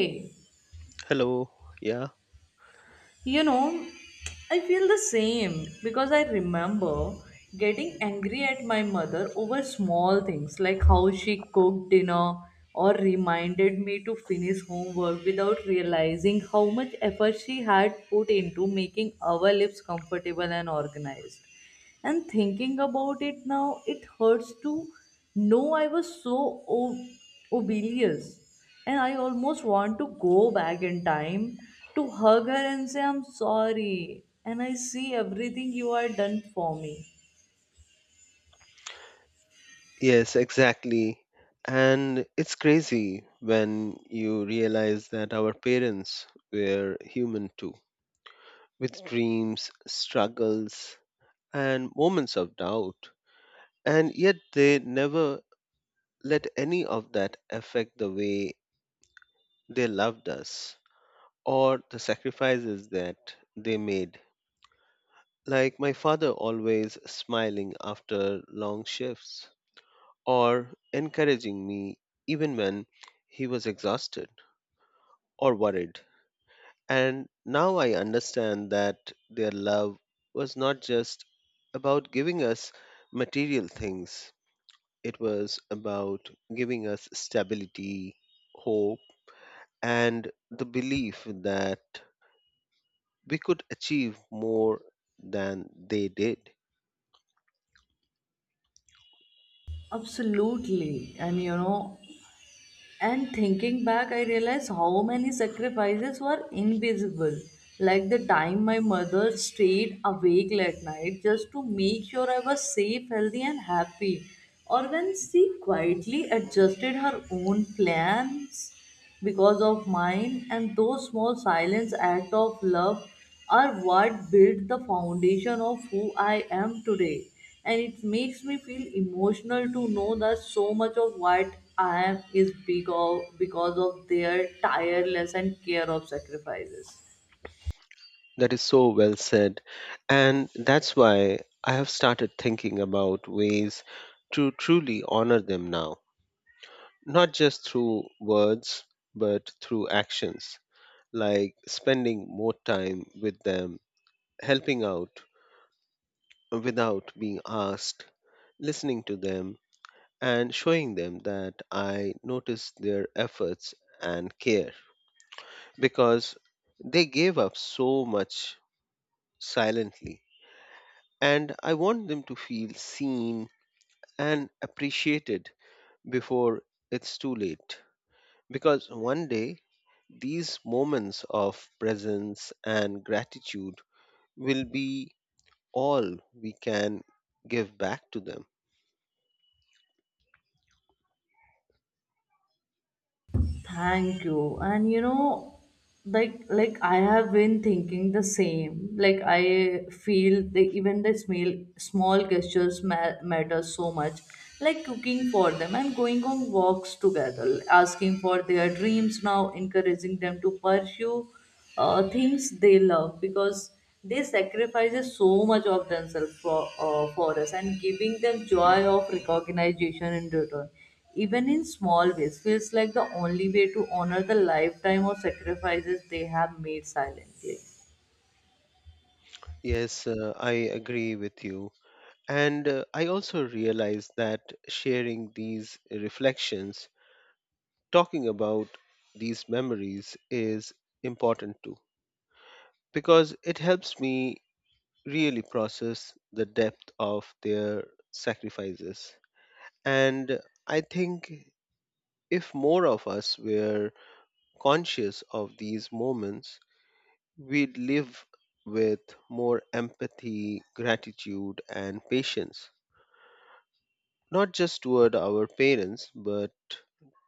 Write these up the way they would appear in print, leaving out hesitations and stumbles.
You Hello. Yeah. know, I feel the same because I remember getting angry at my mother over small things like how she cooked dinner or reminded me to finish homework without realizing how much effort she had put into making our lives comfortable and organized. And thinking about it now, it hurts to know I was so obelious. And I almost want to go back in time to hug her and say, I'm sorry. And I see everything you are done for me. Yes, exactly. And it's crazy when you realize that our parents were human too, with dreams, struggles, and moments of doubt. And yet they never let any of that affect the way they loved us or the sacrifices that they made. Like my father always smiling after long shifts or encouraging me even when he was exhausted or worried. And now I understand that their love was not just about giving us material things, it was about giving us stability, hope, and the belief that we could achieve more than they did. Absolutely. And you know, and thinking back, I realized how many sacrifices were invisible. Like the time my mother stayed awake late night just to make sure I was safe, healthy, and happy. Or when she quietly adjusted her own plans because of mine, and those small silence acts of love are what built the foundation of who I am today. And it makes me feel emotional to know that so much of what I am is because of their tireless and care of sacrifices. That is so well said. And that's why I have started thinking about ways to truly honor them now, not just through words, but through actions, like spending more time with them, helping out without being asked, listening to them, and showing them that I notice their efforts and care because they gave up so much silently and I want them to feel seen and appreciated before it's too late. Because one day, these moments of presence and gratitude will be all we can give back to them. Thank you. And you know, like I have been thinking the same. Like I feel the even the small gestures matter so much. Like cooking for them and going on walks together, asking for their dreams now, encouraging them to pursue things they love because they sacrifice so much of themselves for us and giving them joy of recognition in return even in small ways, feels like the only way to honor the lifetime of sacrifices they have made silently. Yes, I agree with you. And I also realize that sharing these reflections, talking about these memories is important too, because it helps me really process the depth of their sacrifices. And I think if more of us were conscious of these moments, we'd live with more empathy, gratitude, and patience, not just toward our parents, but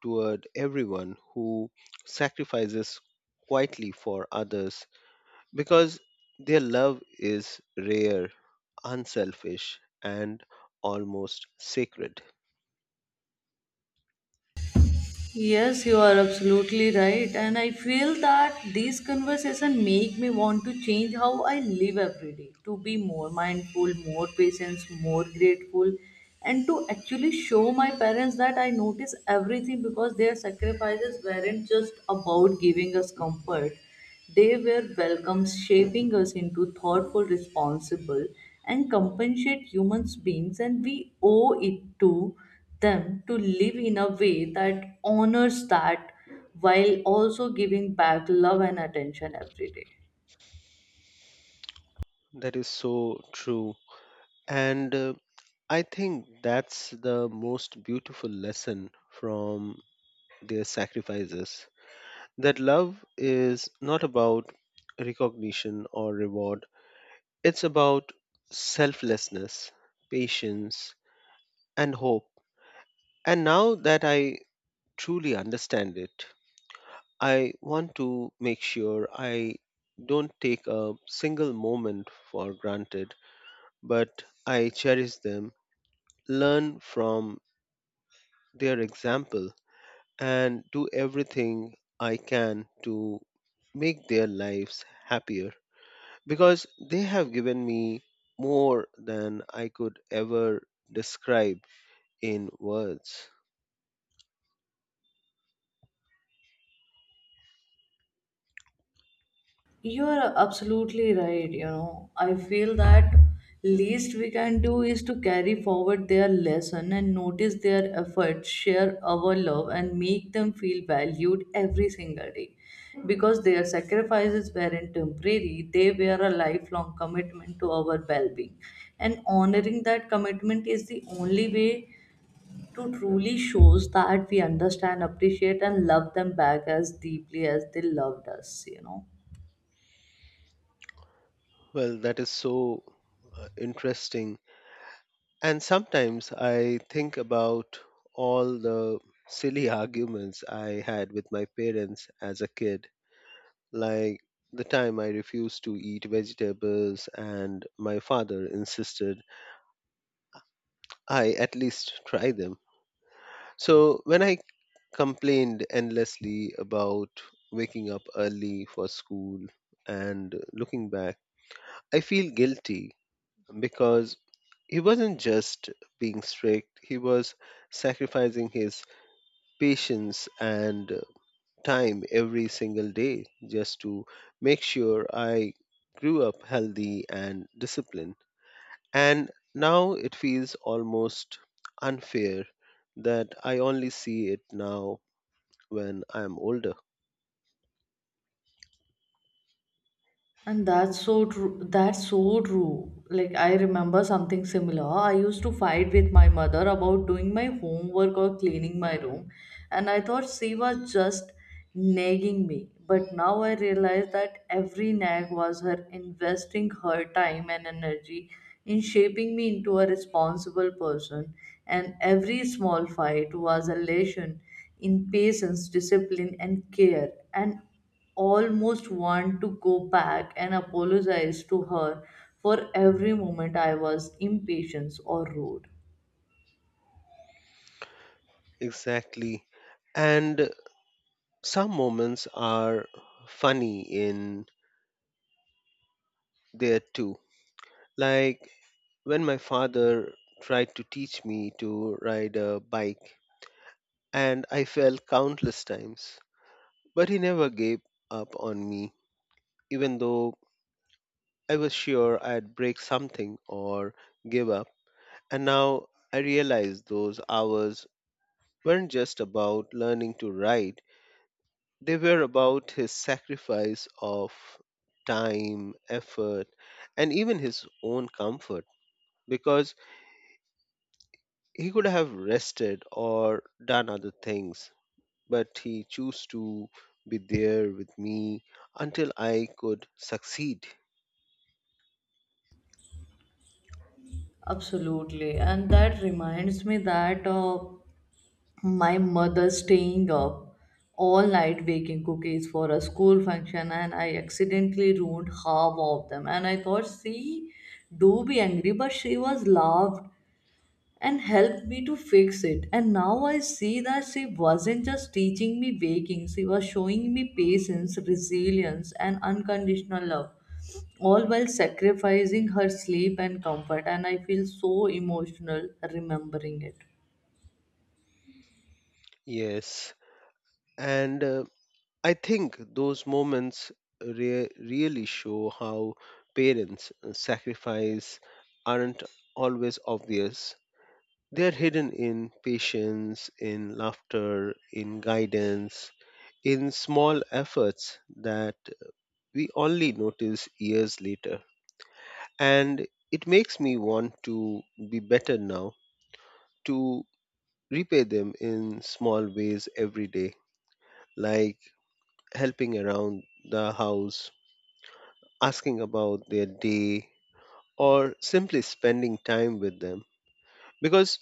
toward everyone who sacrifices quietly for others because their love is rare, unselfish, and almost sacred. Yes, you are absolutely right. And I feel that these conversations make me want to change how I live every day, to be more mindful, more patient, more grateful, and to actually show my parents that I notice everything because their sacrifices weren't just about giving us comfort. They were welcomes, shaping us into thoughtful, responsible, and compassionate human beings, and we owe it to them to live in a way that honors that while also giving back love and attention every day. That is so true. And I think that's the most beautiful lesson from their sacrifices that love is not about recognition or reward, it's about selflessness, patience, and hope. And now that I truly understand it, I want to make sure I don't take a single moment for granted, but I cherish them, learn from their example, and do everything I can to make their lives happier because they have given me more than I could ever describe in words. You are absolutely right. You know, I feel that least we can do is to carry forward their lesson and notice their efforts, share our love, and make them feel valued every single day. Because their sacrifices weren't temporary, they were a lifelong commitment to our well being. And honoring that commitment is the only way to truly shows that we understand, appreciate, and love them back as deeply as they loved us, you know. Well, that is so interesting. And sometimes I think about all the silly arguments I had with my parents as a kid, like the time I refused to eat vegetables and my father insisted I at least try them. So when I complained endlessly about waking up early for school and looking back, I feel guilty because he wasn't just being strict, he was sacrificing his patience and time every single day just to make sure I grew up healthy and disciplined. And now it feels almost unfair that I only see it now when I'm older. And that's so true. That's so true. Like, I remember something similar. I used to fight with my mother about doing my homework or cleaning my room, and I thought she was just nagging me. But now I realize that every nag was her investing her time and energy in shaping me into a responsible person, and every small fight was a lesson in patience, discipline, and care. And almost want to go back and apologize to her for every moment I was impatient or rude. Exactly. And some moments are funny in there too. Like when my father tried to teach me to ride a bike and I fell countless times. But he never gave up on me, even though I was sure I'd break something or give up. And now I realize those hours weren't just about learning to write, they were about his sacrifice of time, effort, and even his own comfort because he could have rested or done other things, but he chose to be there with me until I could succeed. Absolutely. And that reminds me that my mother staying up all night baking cookies for a school function and I accidentally ruined half of them. And I thought, see, do be angry, but she was laughed and helped me to fix it. And now I see that she wasn't just teaching me baking, she was showing me patience, resilience, and unconditional love, all while sacrificing her sleep and comfort. And I feel so emotional remembering it. Yes, and I think those moments really show how parents' sacrifice aren't always obvious. They're hidden in patience, in laughter, in guidance, in small efforts that we only notice years later. And it makes me want to be better now, to repay them in small ways every day, like helping around the house, asking about their day, or simply spending time with them because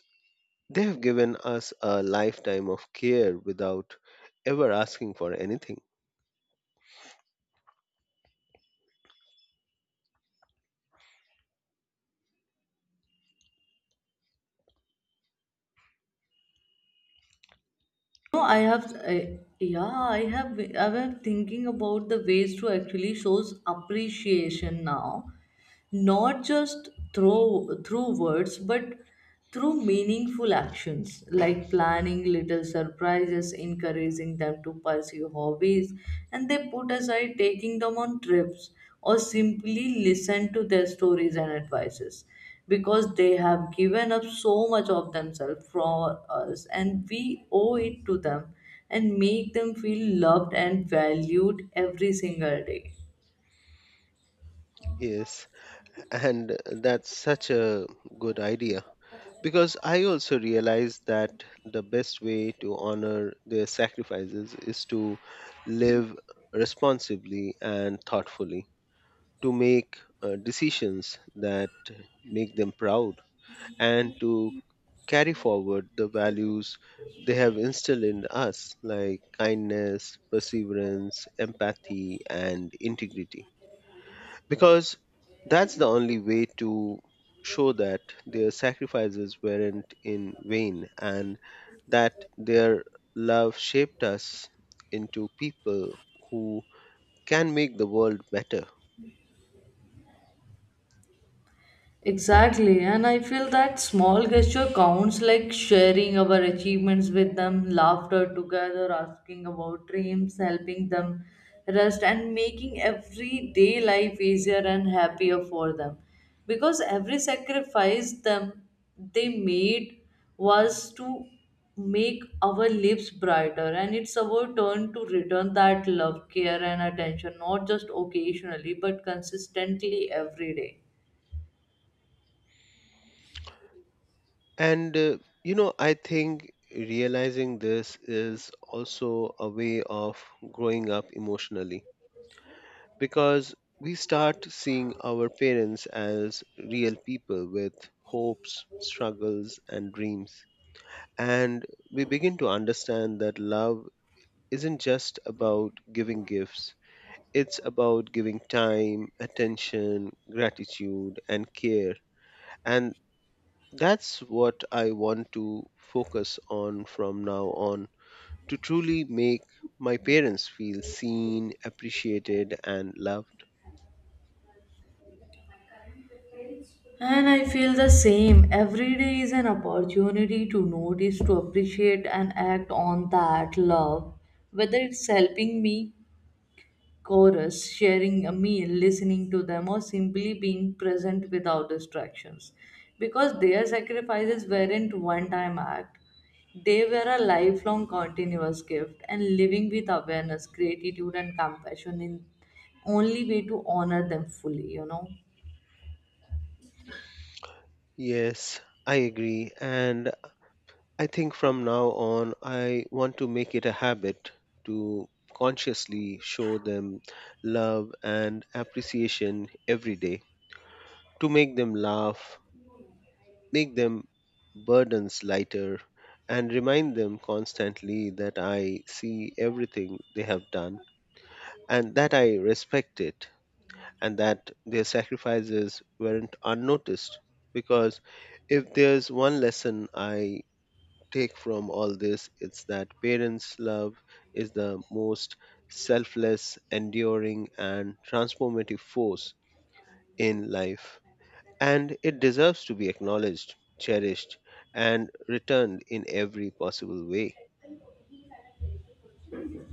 they have given us a lifetime of care without ever asking for anything. No, yeah, I have thinking about the ways to actually shows appreciation now, not just through words, but through meaningful actions like planning little surprises, encouraging them to pursue hobbies, and they put aside taking them on trips or simply listen to their stories and advices because they have given up so much of themselves for us and we owe it to them and make them feel loved and valued every single day. Yes, and that's such a good idea. Because I also realize that the best way to honor their sacrifices is to live responsibly and thoughtfully, to make decisions that make them proud, and to carry forward the values they have instilled in us, like kindness, perseverance, empathy, and integrity because that's the only way to show that their sacrifices weren't in vain and that their love shaped us into people who can make the world better. Exactly, and I feel that small gesture counts like sharing our achievements with them, laughter together, asking about dreams, helping them rest, and making everyday life easier and happier for them. Because every sacrifice them they made was to make our lives brighter, and it's our turn to return that love, care, and attention, not just occasionally, but consistently every day. And you know, I think realizing this is also a way of growing up emotionally because we start seeing our parents as real people with hopes, struggles, and dreams. And we begin to understand that love isn't just about giving gifts, it's about giving time, attention, gratitude, and care. And that's what I want to focus on from now on, to truly make my parents feel seen, appreciated, and loved. And I feel the same. Every day is an opportunity to notice, to appreciate, and act on that love. Whether it's helping me chorus, sharing a meal, listening to them, or simply being present without distractions. Because their sacrifices weren't one time act, they were a lifelong continuous gift. And living with awareness, gratitude, and compassion in only way to honor them fully, you know. Yes, I agree. And I think from now on, I want to make it a habit to consciously show them love and appreciation every day, to make them laugh, make them burdens lighter, and remind them constantly that I see everything they have done and that I respect it and that their sacrifices weren't unnoticed. Because if there's one lesson I take from all this is that parents' love is the most selfless, enduring, and transformative force in life. And it deserves to be acknowledged, cherished, and returned in every possible way.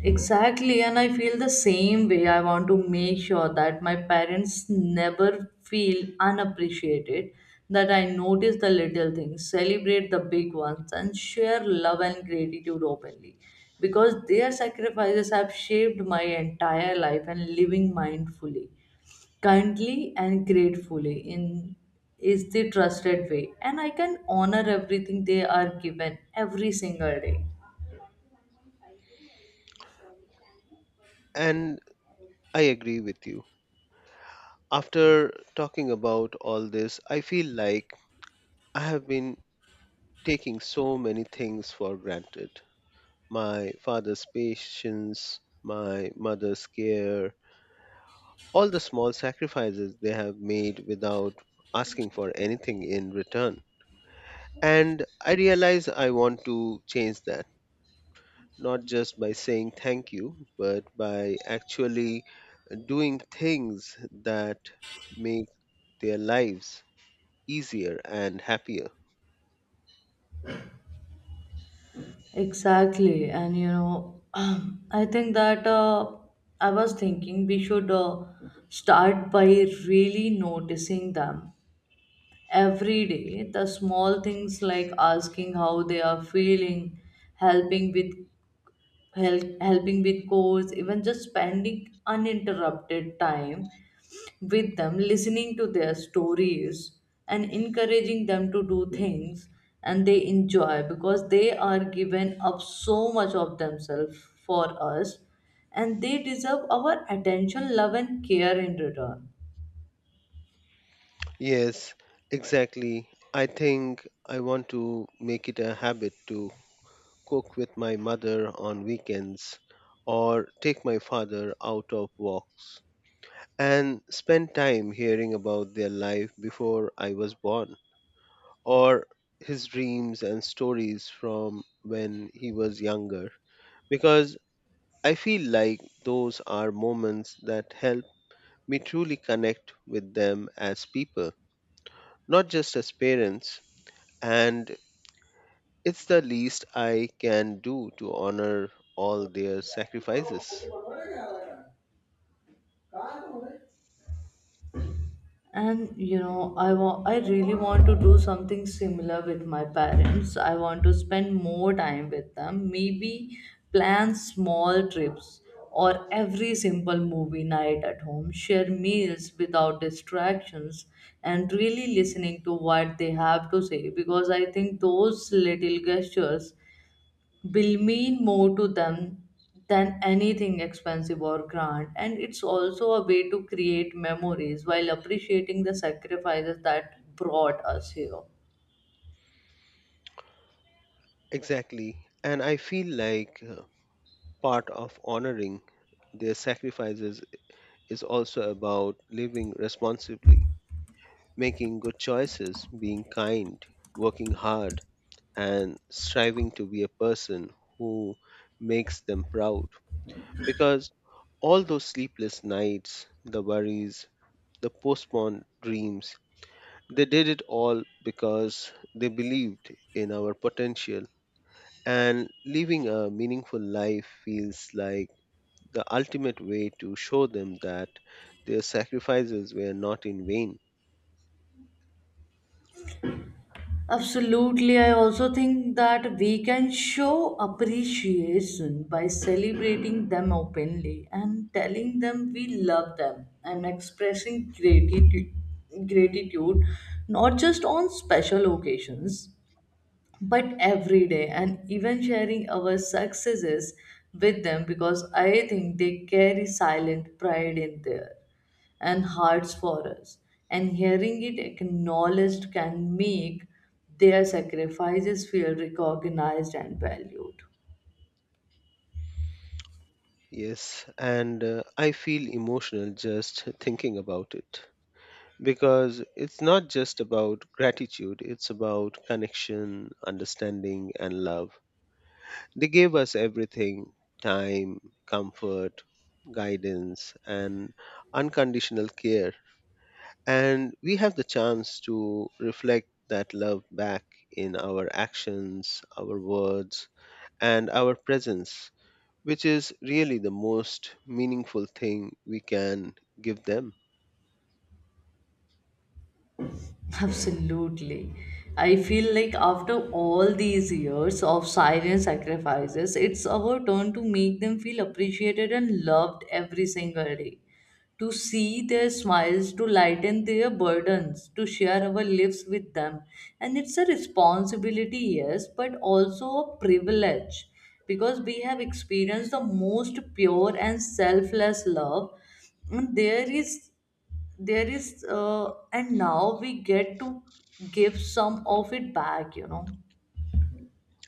Exactly, and I feel the same way. I want to make sure that my parents never feel unappreciated, that I notice the little things, celebrate the big ones, and share love and gratitude openly. Because their sacrifices have shaped my entire life and living mindfully, kindly, and gratefully in is the trusted way. And I can honor everything they are given every single day. And I agree with you. After talking about all this, I feel like I have been taking so many things for granted, my father's patience, my mother's care, all the small sacrifices they have made without asking for anything in return. And I realize I want to change that, not just by saying thank you, but by actually doing things that make their lives easier and happier. Exactly, and you know, I think that I was thinking we should start by really noticing them every day. The small things like asking how they are feeling, helping with helping with chores, even just spending uninterrupted time with them, listening to their stories, and encouraging them to do things and they enjoy because they are given up so much of themselves for us and they deserve our attention, love, and care in return. Yes, exactly. I think I want to make it a habit to cook with my mother on weekends or take my father out of walks and spent time hearing about their life before I was born, or his dreams and stories from when he was younger, because I feel like those are moments that help me truly connect with them as people, not just as parents, and it's the least I can do to honor all their sacrifices. And you know, I really want to do something similar with my parents. I want to spend more time with them, maybe plan small trips or every simple movie night at home, share meals without distractions and really listening to what they have to say, because I think those little gestures will mean more to them than anything expensive or grand, and it's also a way to create memories while appreciating the sacrifices that brought us here. Exactly, and I feel like part of honoring their sacrifices is also about living responsibly, making good choices, being kind, working hard, and striving to be a person who makes them proud. Because all those sleepless nights, the worries, the postponed dreams, they did it all because they believed in our potential. And living a meaningful life feels like the ultimate way to show them that their sacrifices were not in vain. Absolutely. I also think that we can show appreciation by celebrating them openly and telling them we love them and expressing gratitude not just on special occasions but every day, and even sharing our successes with them because I think they carry silent pride in there and hearts for us, and hearing it acknowledged can make their sacrifices feel recognized and valued. Yes, and I feel emotional just thinking about it because it's not just about gratitude, it's about connection, understanding, and love. They gave us everything, time, comfort, guidance, and unconditional care. And we have the chance to reflect that love back in our actions, our words, and our presence which is really the most meaningful thing we can give them. Absolutely. I feel like after all these years of silent sacrifices, it's our turn to make them feel appreciated and loved every single day. To see their smiles, to lighten their burdens, to share our lives with them. And it's a responsibility, yes, but also a privilege because we have experienced the most pure and selfless love. And there is and now we get to give some of it back, you know.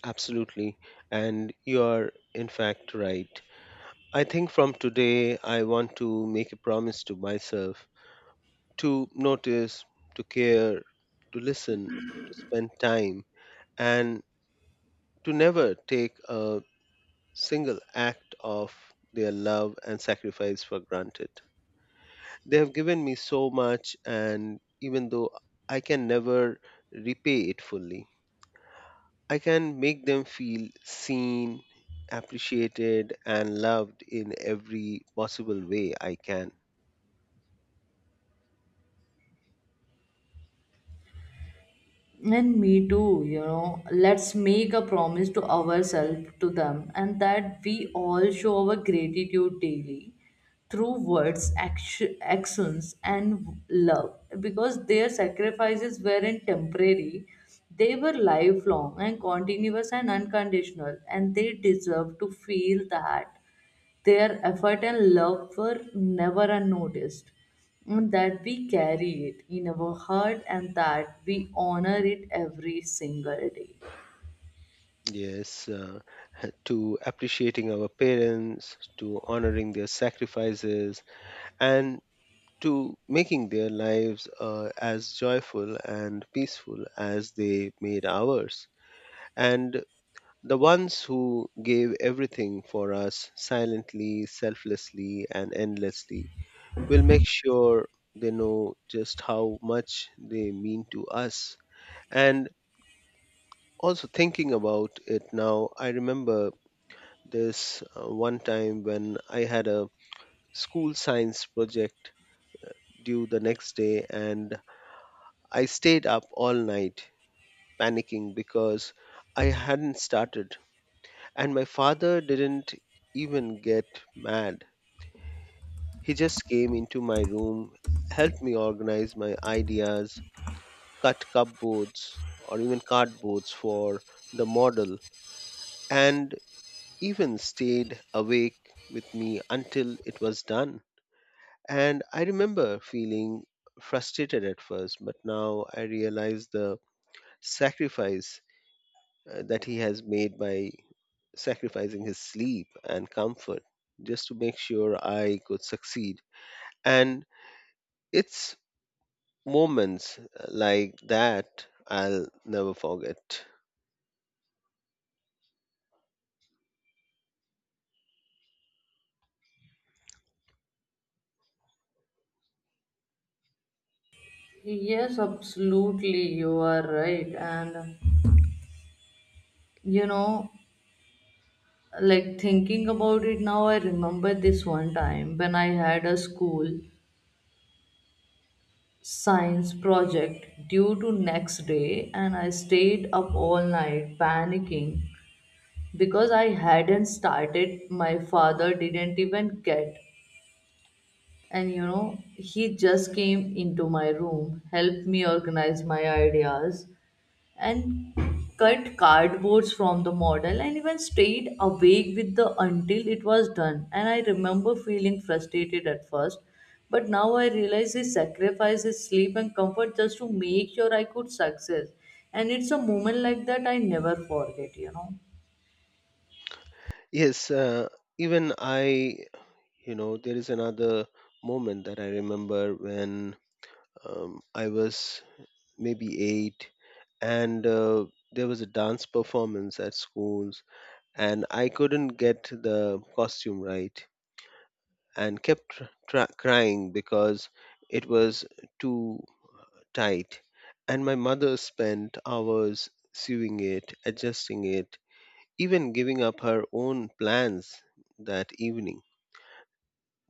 Absolutely. And you are, in fact, right. I think from today, I want to make a promise to myself to notice, to care, to listen, to spend time, and to never take a single act of their love and sacrifice for granted. They have given me so much, and even though I can never repay it fully, I can make them feel seen, appreciated, and loved in every possible way I can. And me too, you know, let's make a promise to ourselves, to them, and that we all show our gratitude daily through actions and love, because their sacrifices weren't temporary, they were lifelong and continuous and unconditional, and they deserve to feel that. Their effort and love were never unnoticed, and that we carry it in our heart and that we honor it every single day. Yes, to appreciating our parents, to honoring their sacrifices, and to making their lives as joyful and peaceful as they made ours. And the ones who gave everything for us silently, selflessly, and endlessly, we'll make sure they know just how much they mean to us. And also thinking about it now, I remember this one time when I had a school science project due the next day and I stayed up all night panicking because I hadn't started. And my father didn't even get mad. He just came into my room, helped me organize my ideas, cut cupboards or even cardboards for the model, and even stayed awake with me until it was done. And I remember feeling frustrated at first, but now I realize the sacrifice that he has made by sacrificing his sleep and comfort just to make sure I could succeed. And it's moments like that I'll never forget. Yes, absolutely, you are right. And you know, like thinking about it now, I remember this one time when I had a school science project due to next day, and I stayed up all night panicking because I hadn't started, my father didn't even get. And you know, he just came into my room, helped me organize my ideas, and cut cardboards from the model, and even stayed awake with the until it was done. And I remember feeling frustrated at first, but now I realize he sacrificed his sleep and comfort just to make sure I could success. And it's a moment like that I never forget, you know. Yes, even I, you know, there is another moment that I remember when I was maybe eight and there was a dance performance at schools and I couldn't get the costume right and kept crying because it was too tight. And my mother spent hours sewing it, adjusting it, even giving up her own plans that evening.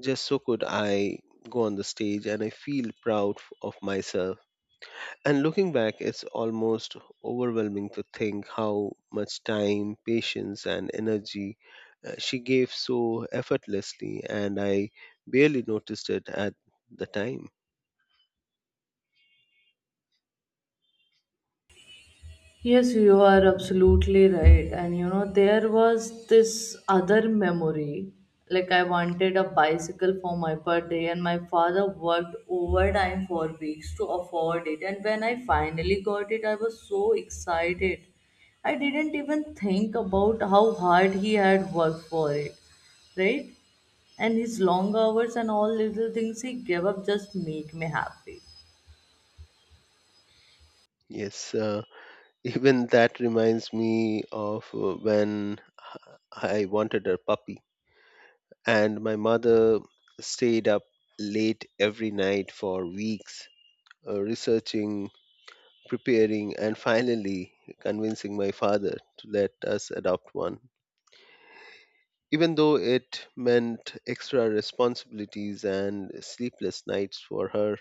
Just so could I go on the stage, and I feel proud of myself. And looking back, it's almost overwhelming to think how much time, patience, and energy she gave so effortlessly, and I barely noticed it at the time. Yes, you are absolutely right. And you know, there was this other memory. Like, I wanted a bicycle for my birthday, and my father worked overtime for weeks to afford it. And when I finally got it, I was so excited. I didn't even think about how hard he had worked for it, right? And his long hours and all little things he gave up just make me happy. Yes, even that reminds me of when I wanted a puppy, and my mother stayed up late every night for weeks researching, preparing, and finally convincing my father to let us adopt one. Even though it meant extra responsibilities and sleepless nights for her,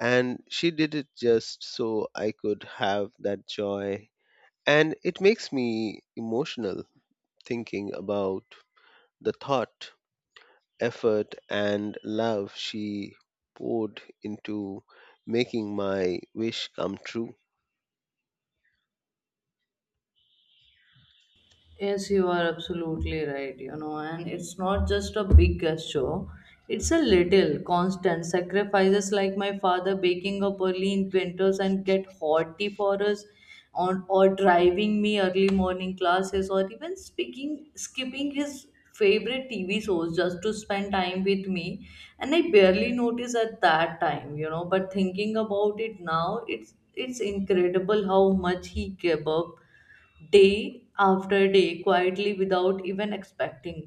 and she did it just so I could have that joy. And it makes me emotional thinking about the thought, effort, and love she poured into making my wish come true. Yes, you are absolutely right, you know, and it's not just a big gesture, it's a little constant sacrifices like my father baking up early in winters and get hot tea for us on or driving me early morning classes or even speaking skipping his favorite TV shows just to spend time with me, and I barely notice at that time, you know, but thinking about it now, it's incredible how much he gave up day after day quietly without even expecting,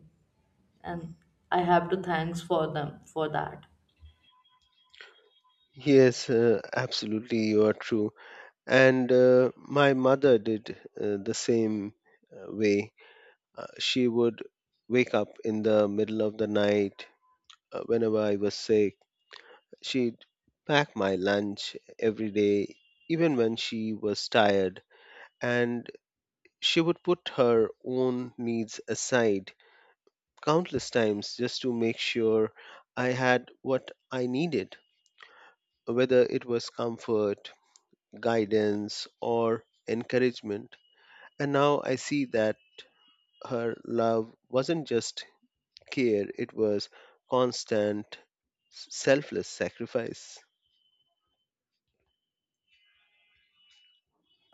and I have to thanks for them for that. Yes, absolutely, you are true. And my mother did the same way. She would wake up in the middle of the night whenever I was sick. She'd pack my lunch every day, even when she was tired. And she would put her own needs aside countless times just to make sure I had what I needed, whether it was comfort, guidance, or encouragement. And now I see that her love wasn't just care, it was constant, selfless sacrifice.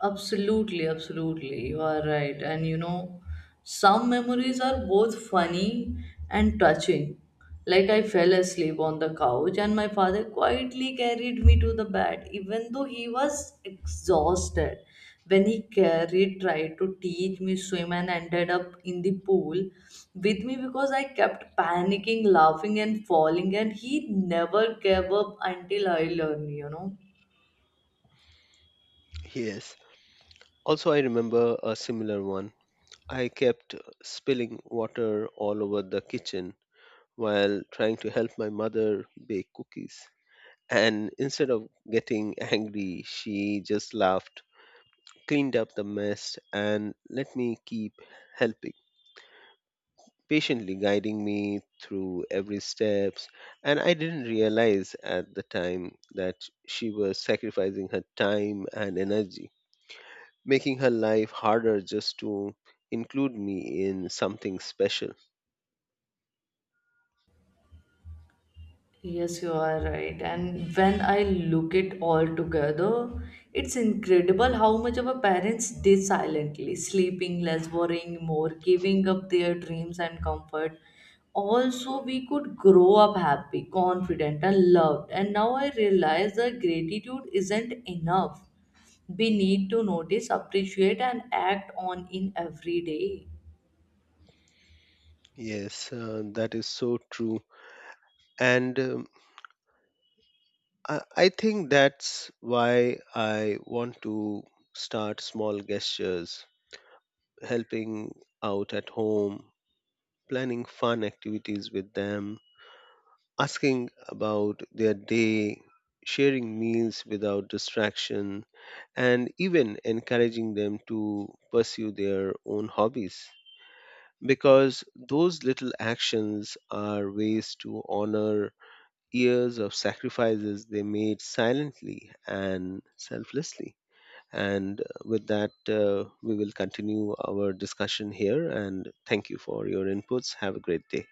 Absolutely, absolutely. You are right. And you know, some memories are both funny and touching. Like I fell asleep on the couch and my father quietly carried me to the bed, even though he was exhausted. Tried to teach me swim and ended up in the pool with me because I kept panicking, laughing and falling, and he never gave up until I learned, you know. Yes. Also, I remember a similar one. I kept spilling water all over the kitchen while trying to help my mother bake cookies. And instead of getting angry, she just laughed, cleaned up the mess, and let me keep helping, patiently guiding me through every steps. And I didn't realize at the time that she was sacrificing her time and energy, making her life harder just to include me in something special. Yes, you are right. And when I look it all together, it's incredible how much our parents did silently, sleeping less, worrying more, giving up their dreams and comfort. Also, we could grow up happy, confident, and loved. And now I realize that gratitude isn't enough. We need to notice, appreciate, and act on in every day. Yes, that is so true. And I, I think that's why I want to start small gestures, helping out at home, planning fun activities with them, asking about their day, sharing meals without distraction, and even encouraging them to pursue their own hobbies. Because those little actions are ways to honor years of sacrifices they made silently and selflessly. And with that, we will continue our discussion here. And thank you for your inputs. Have a great day.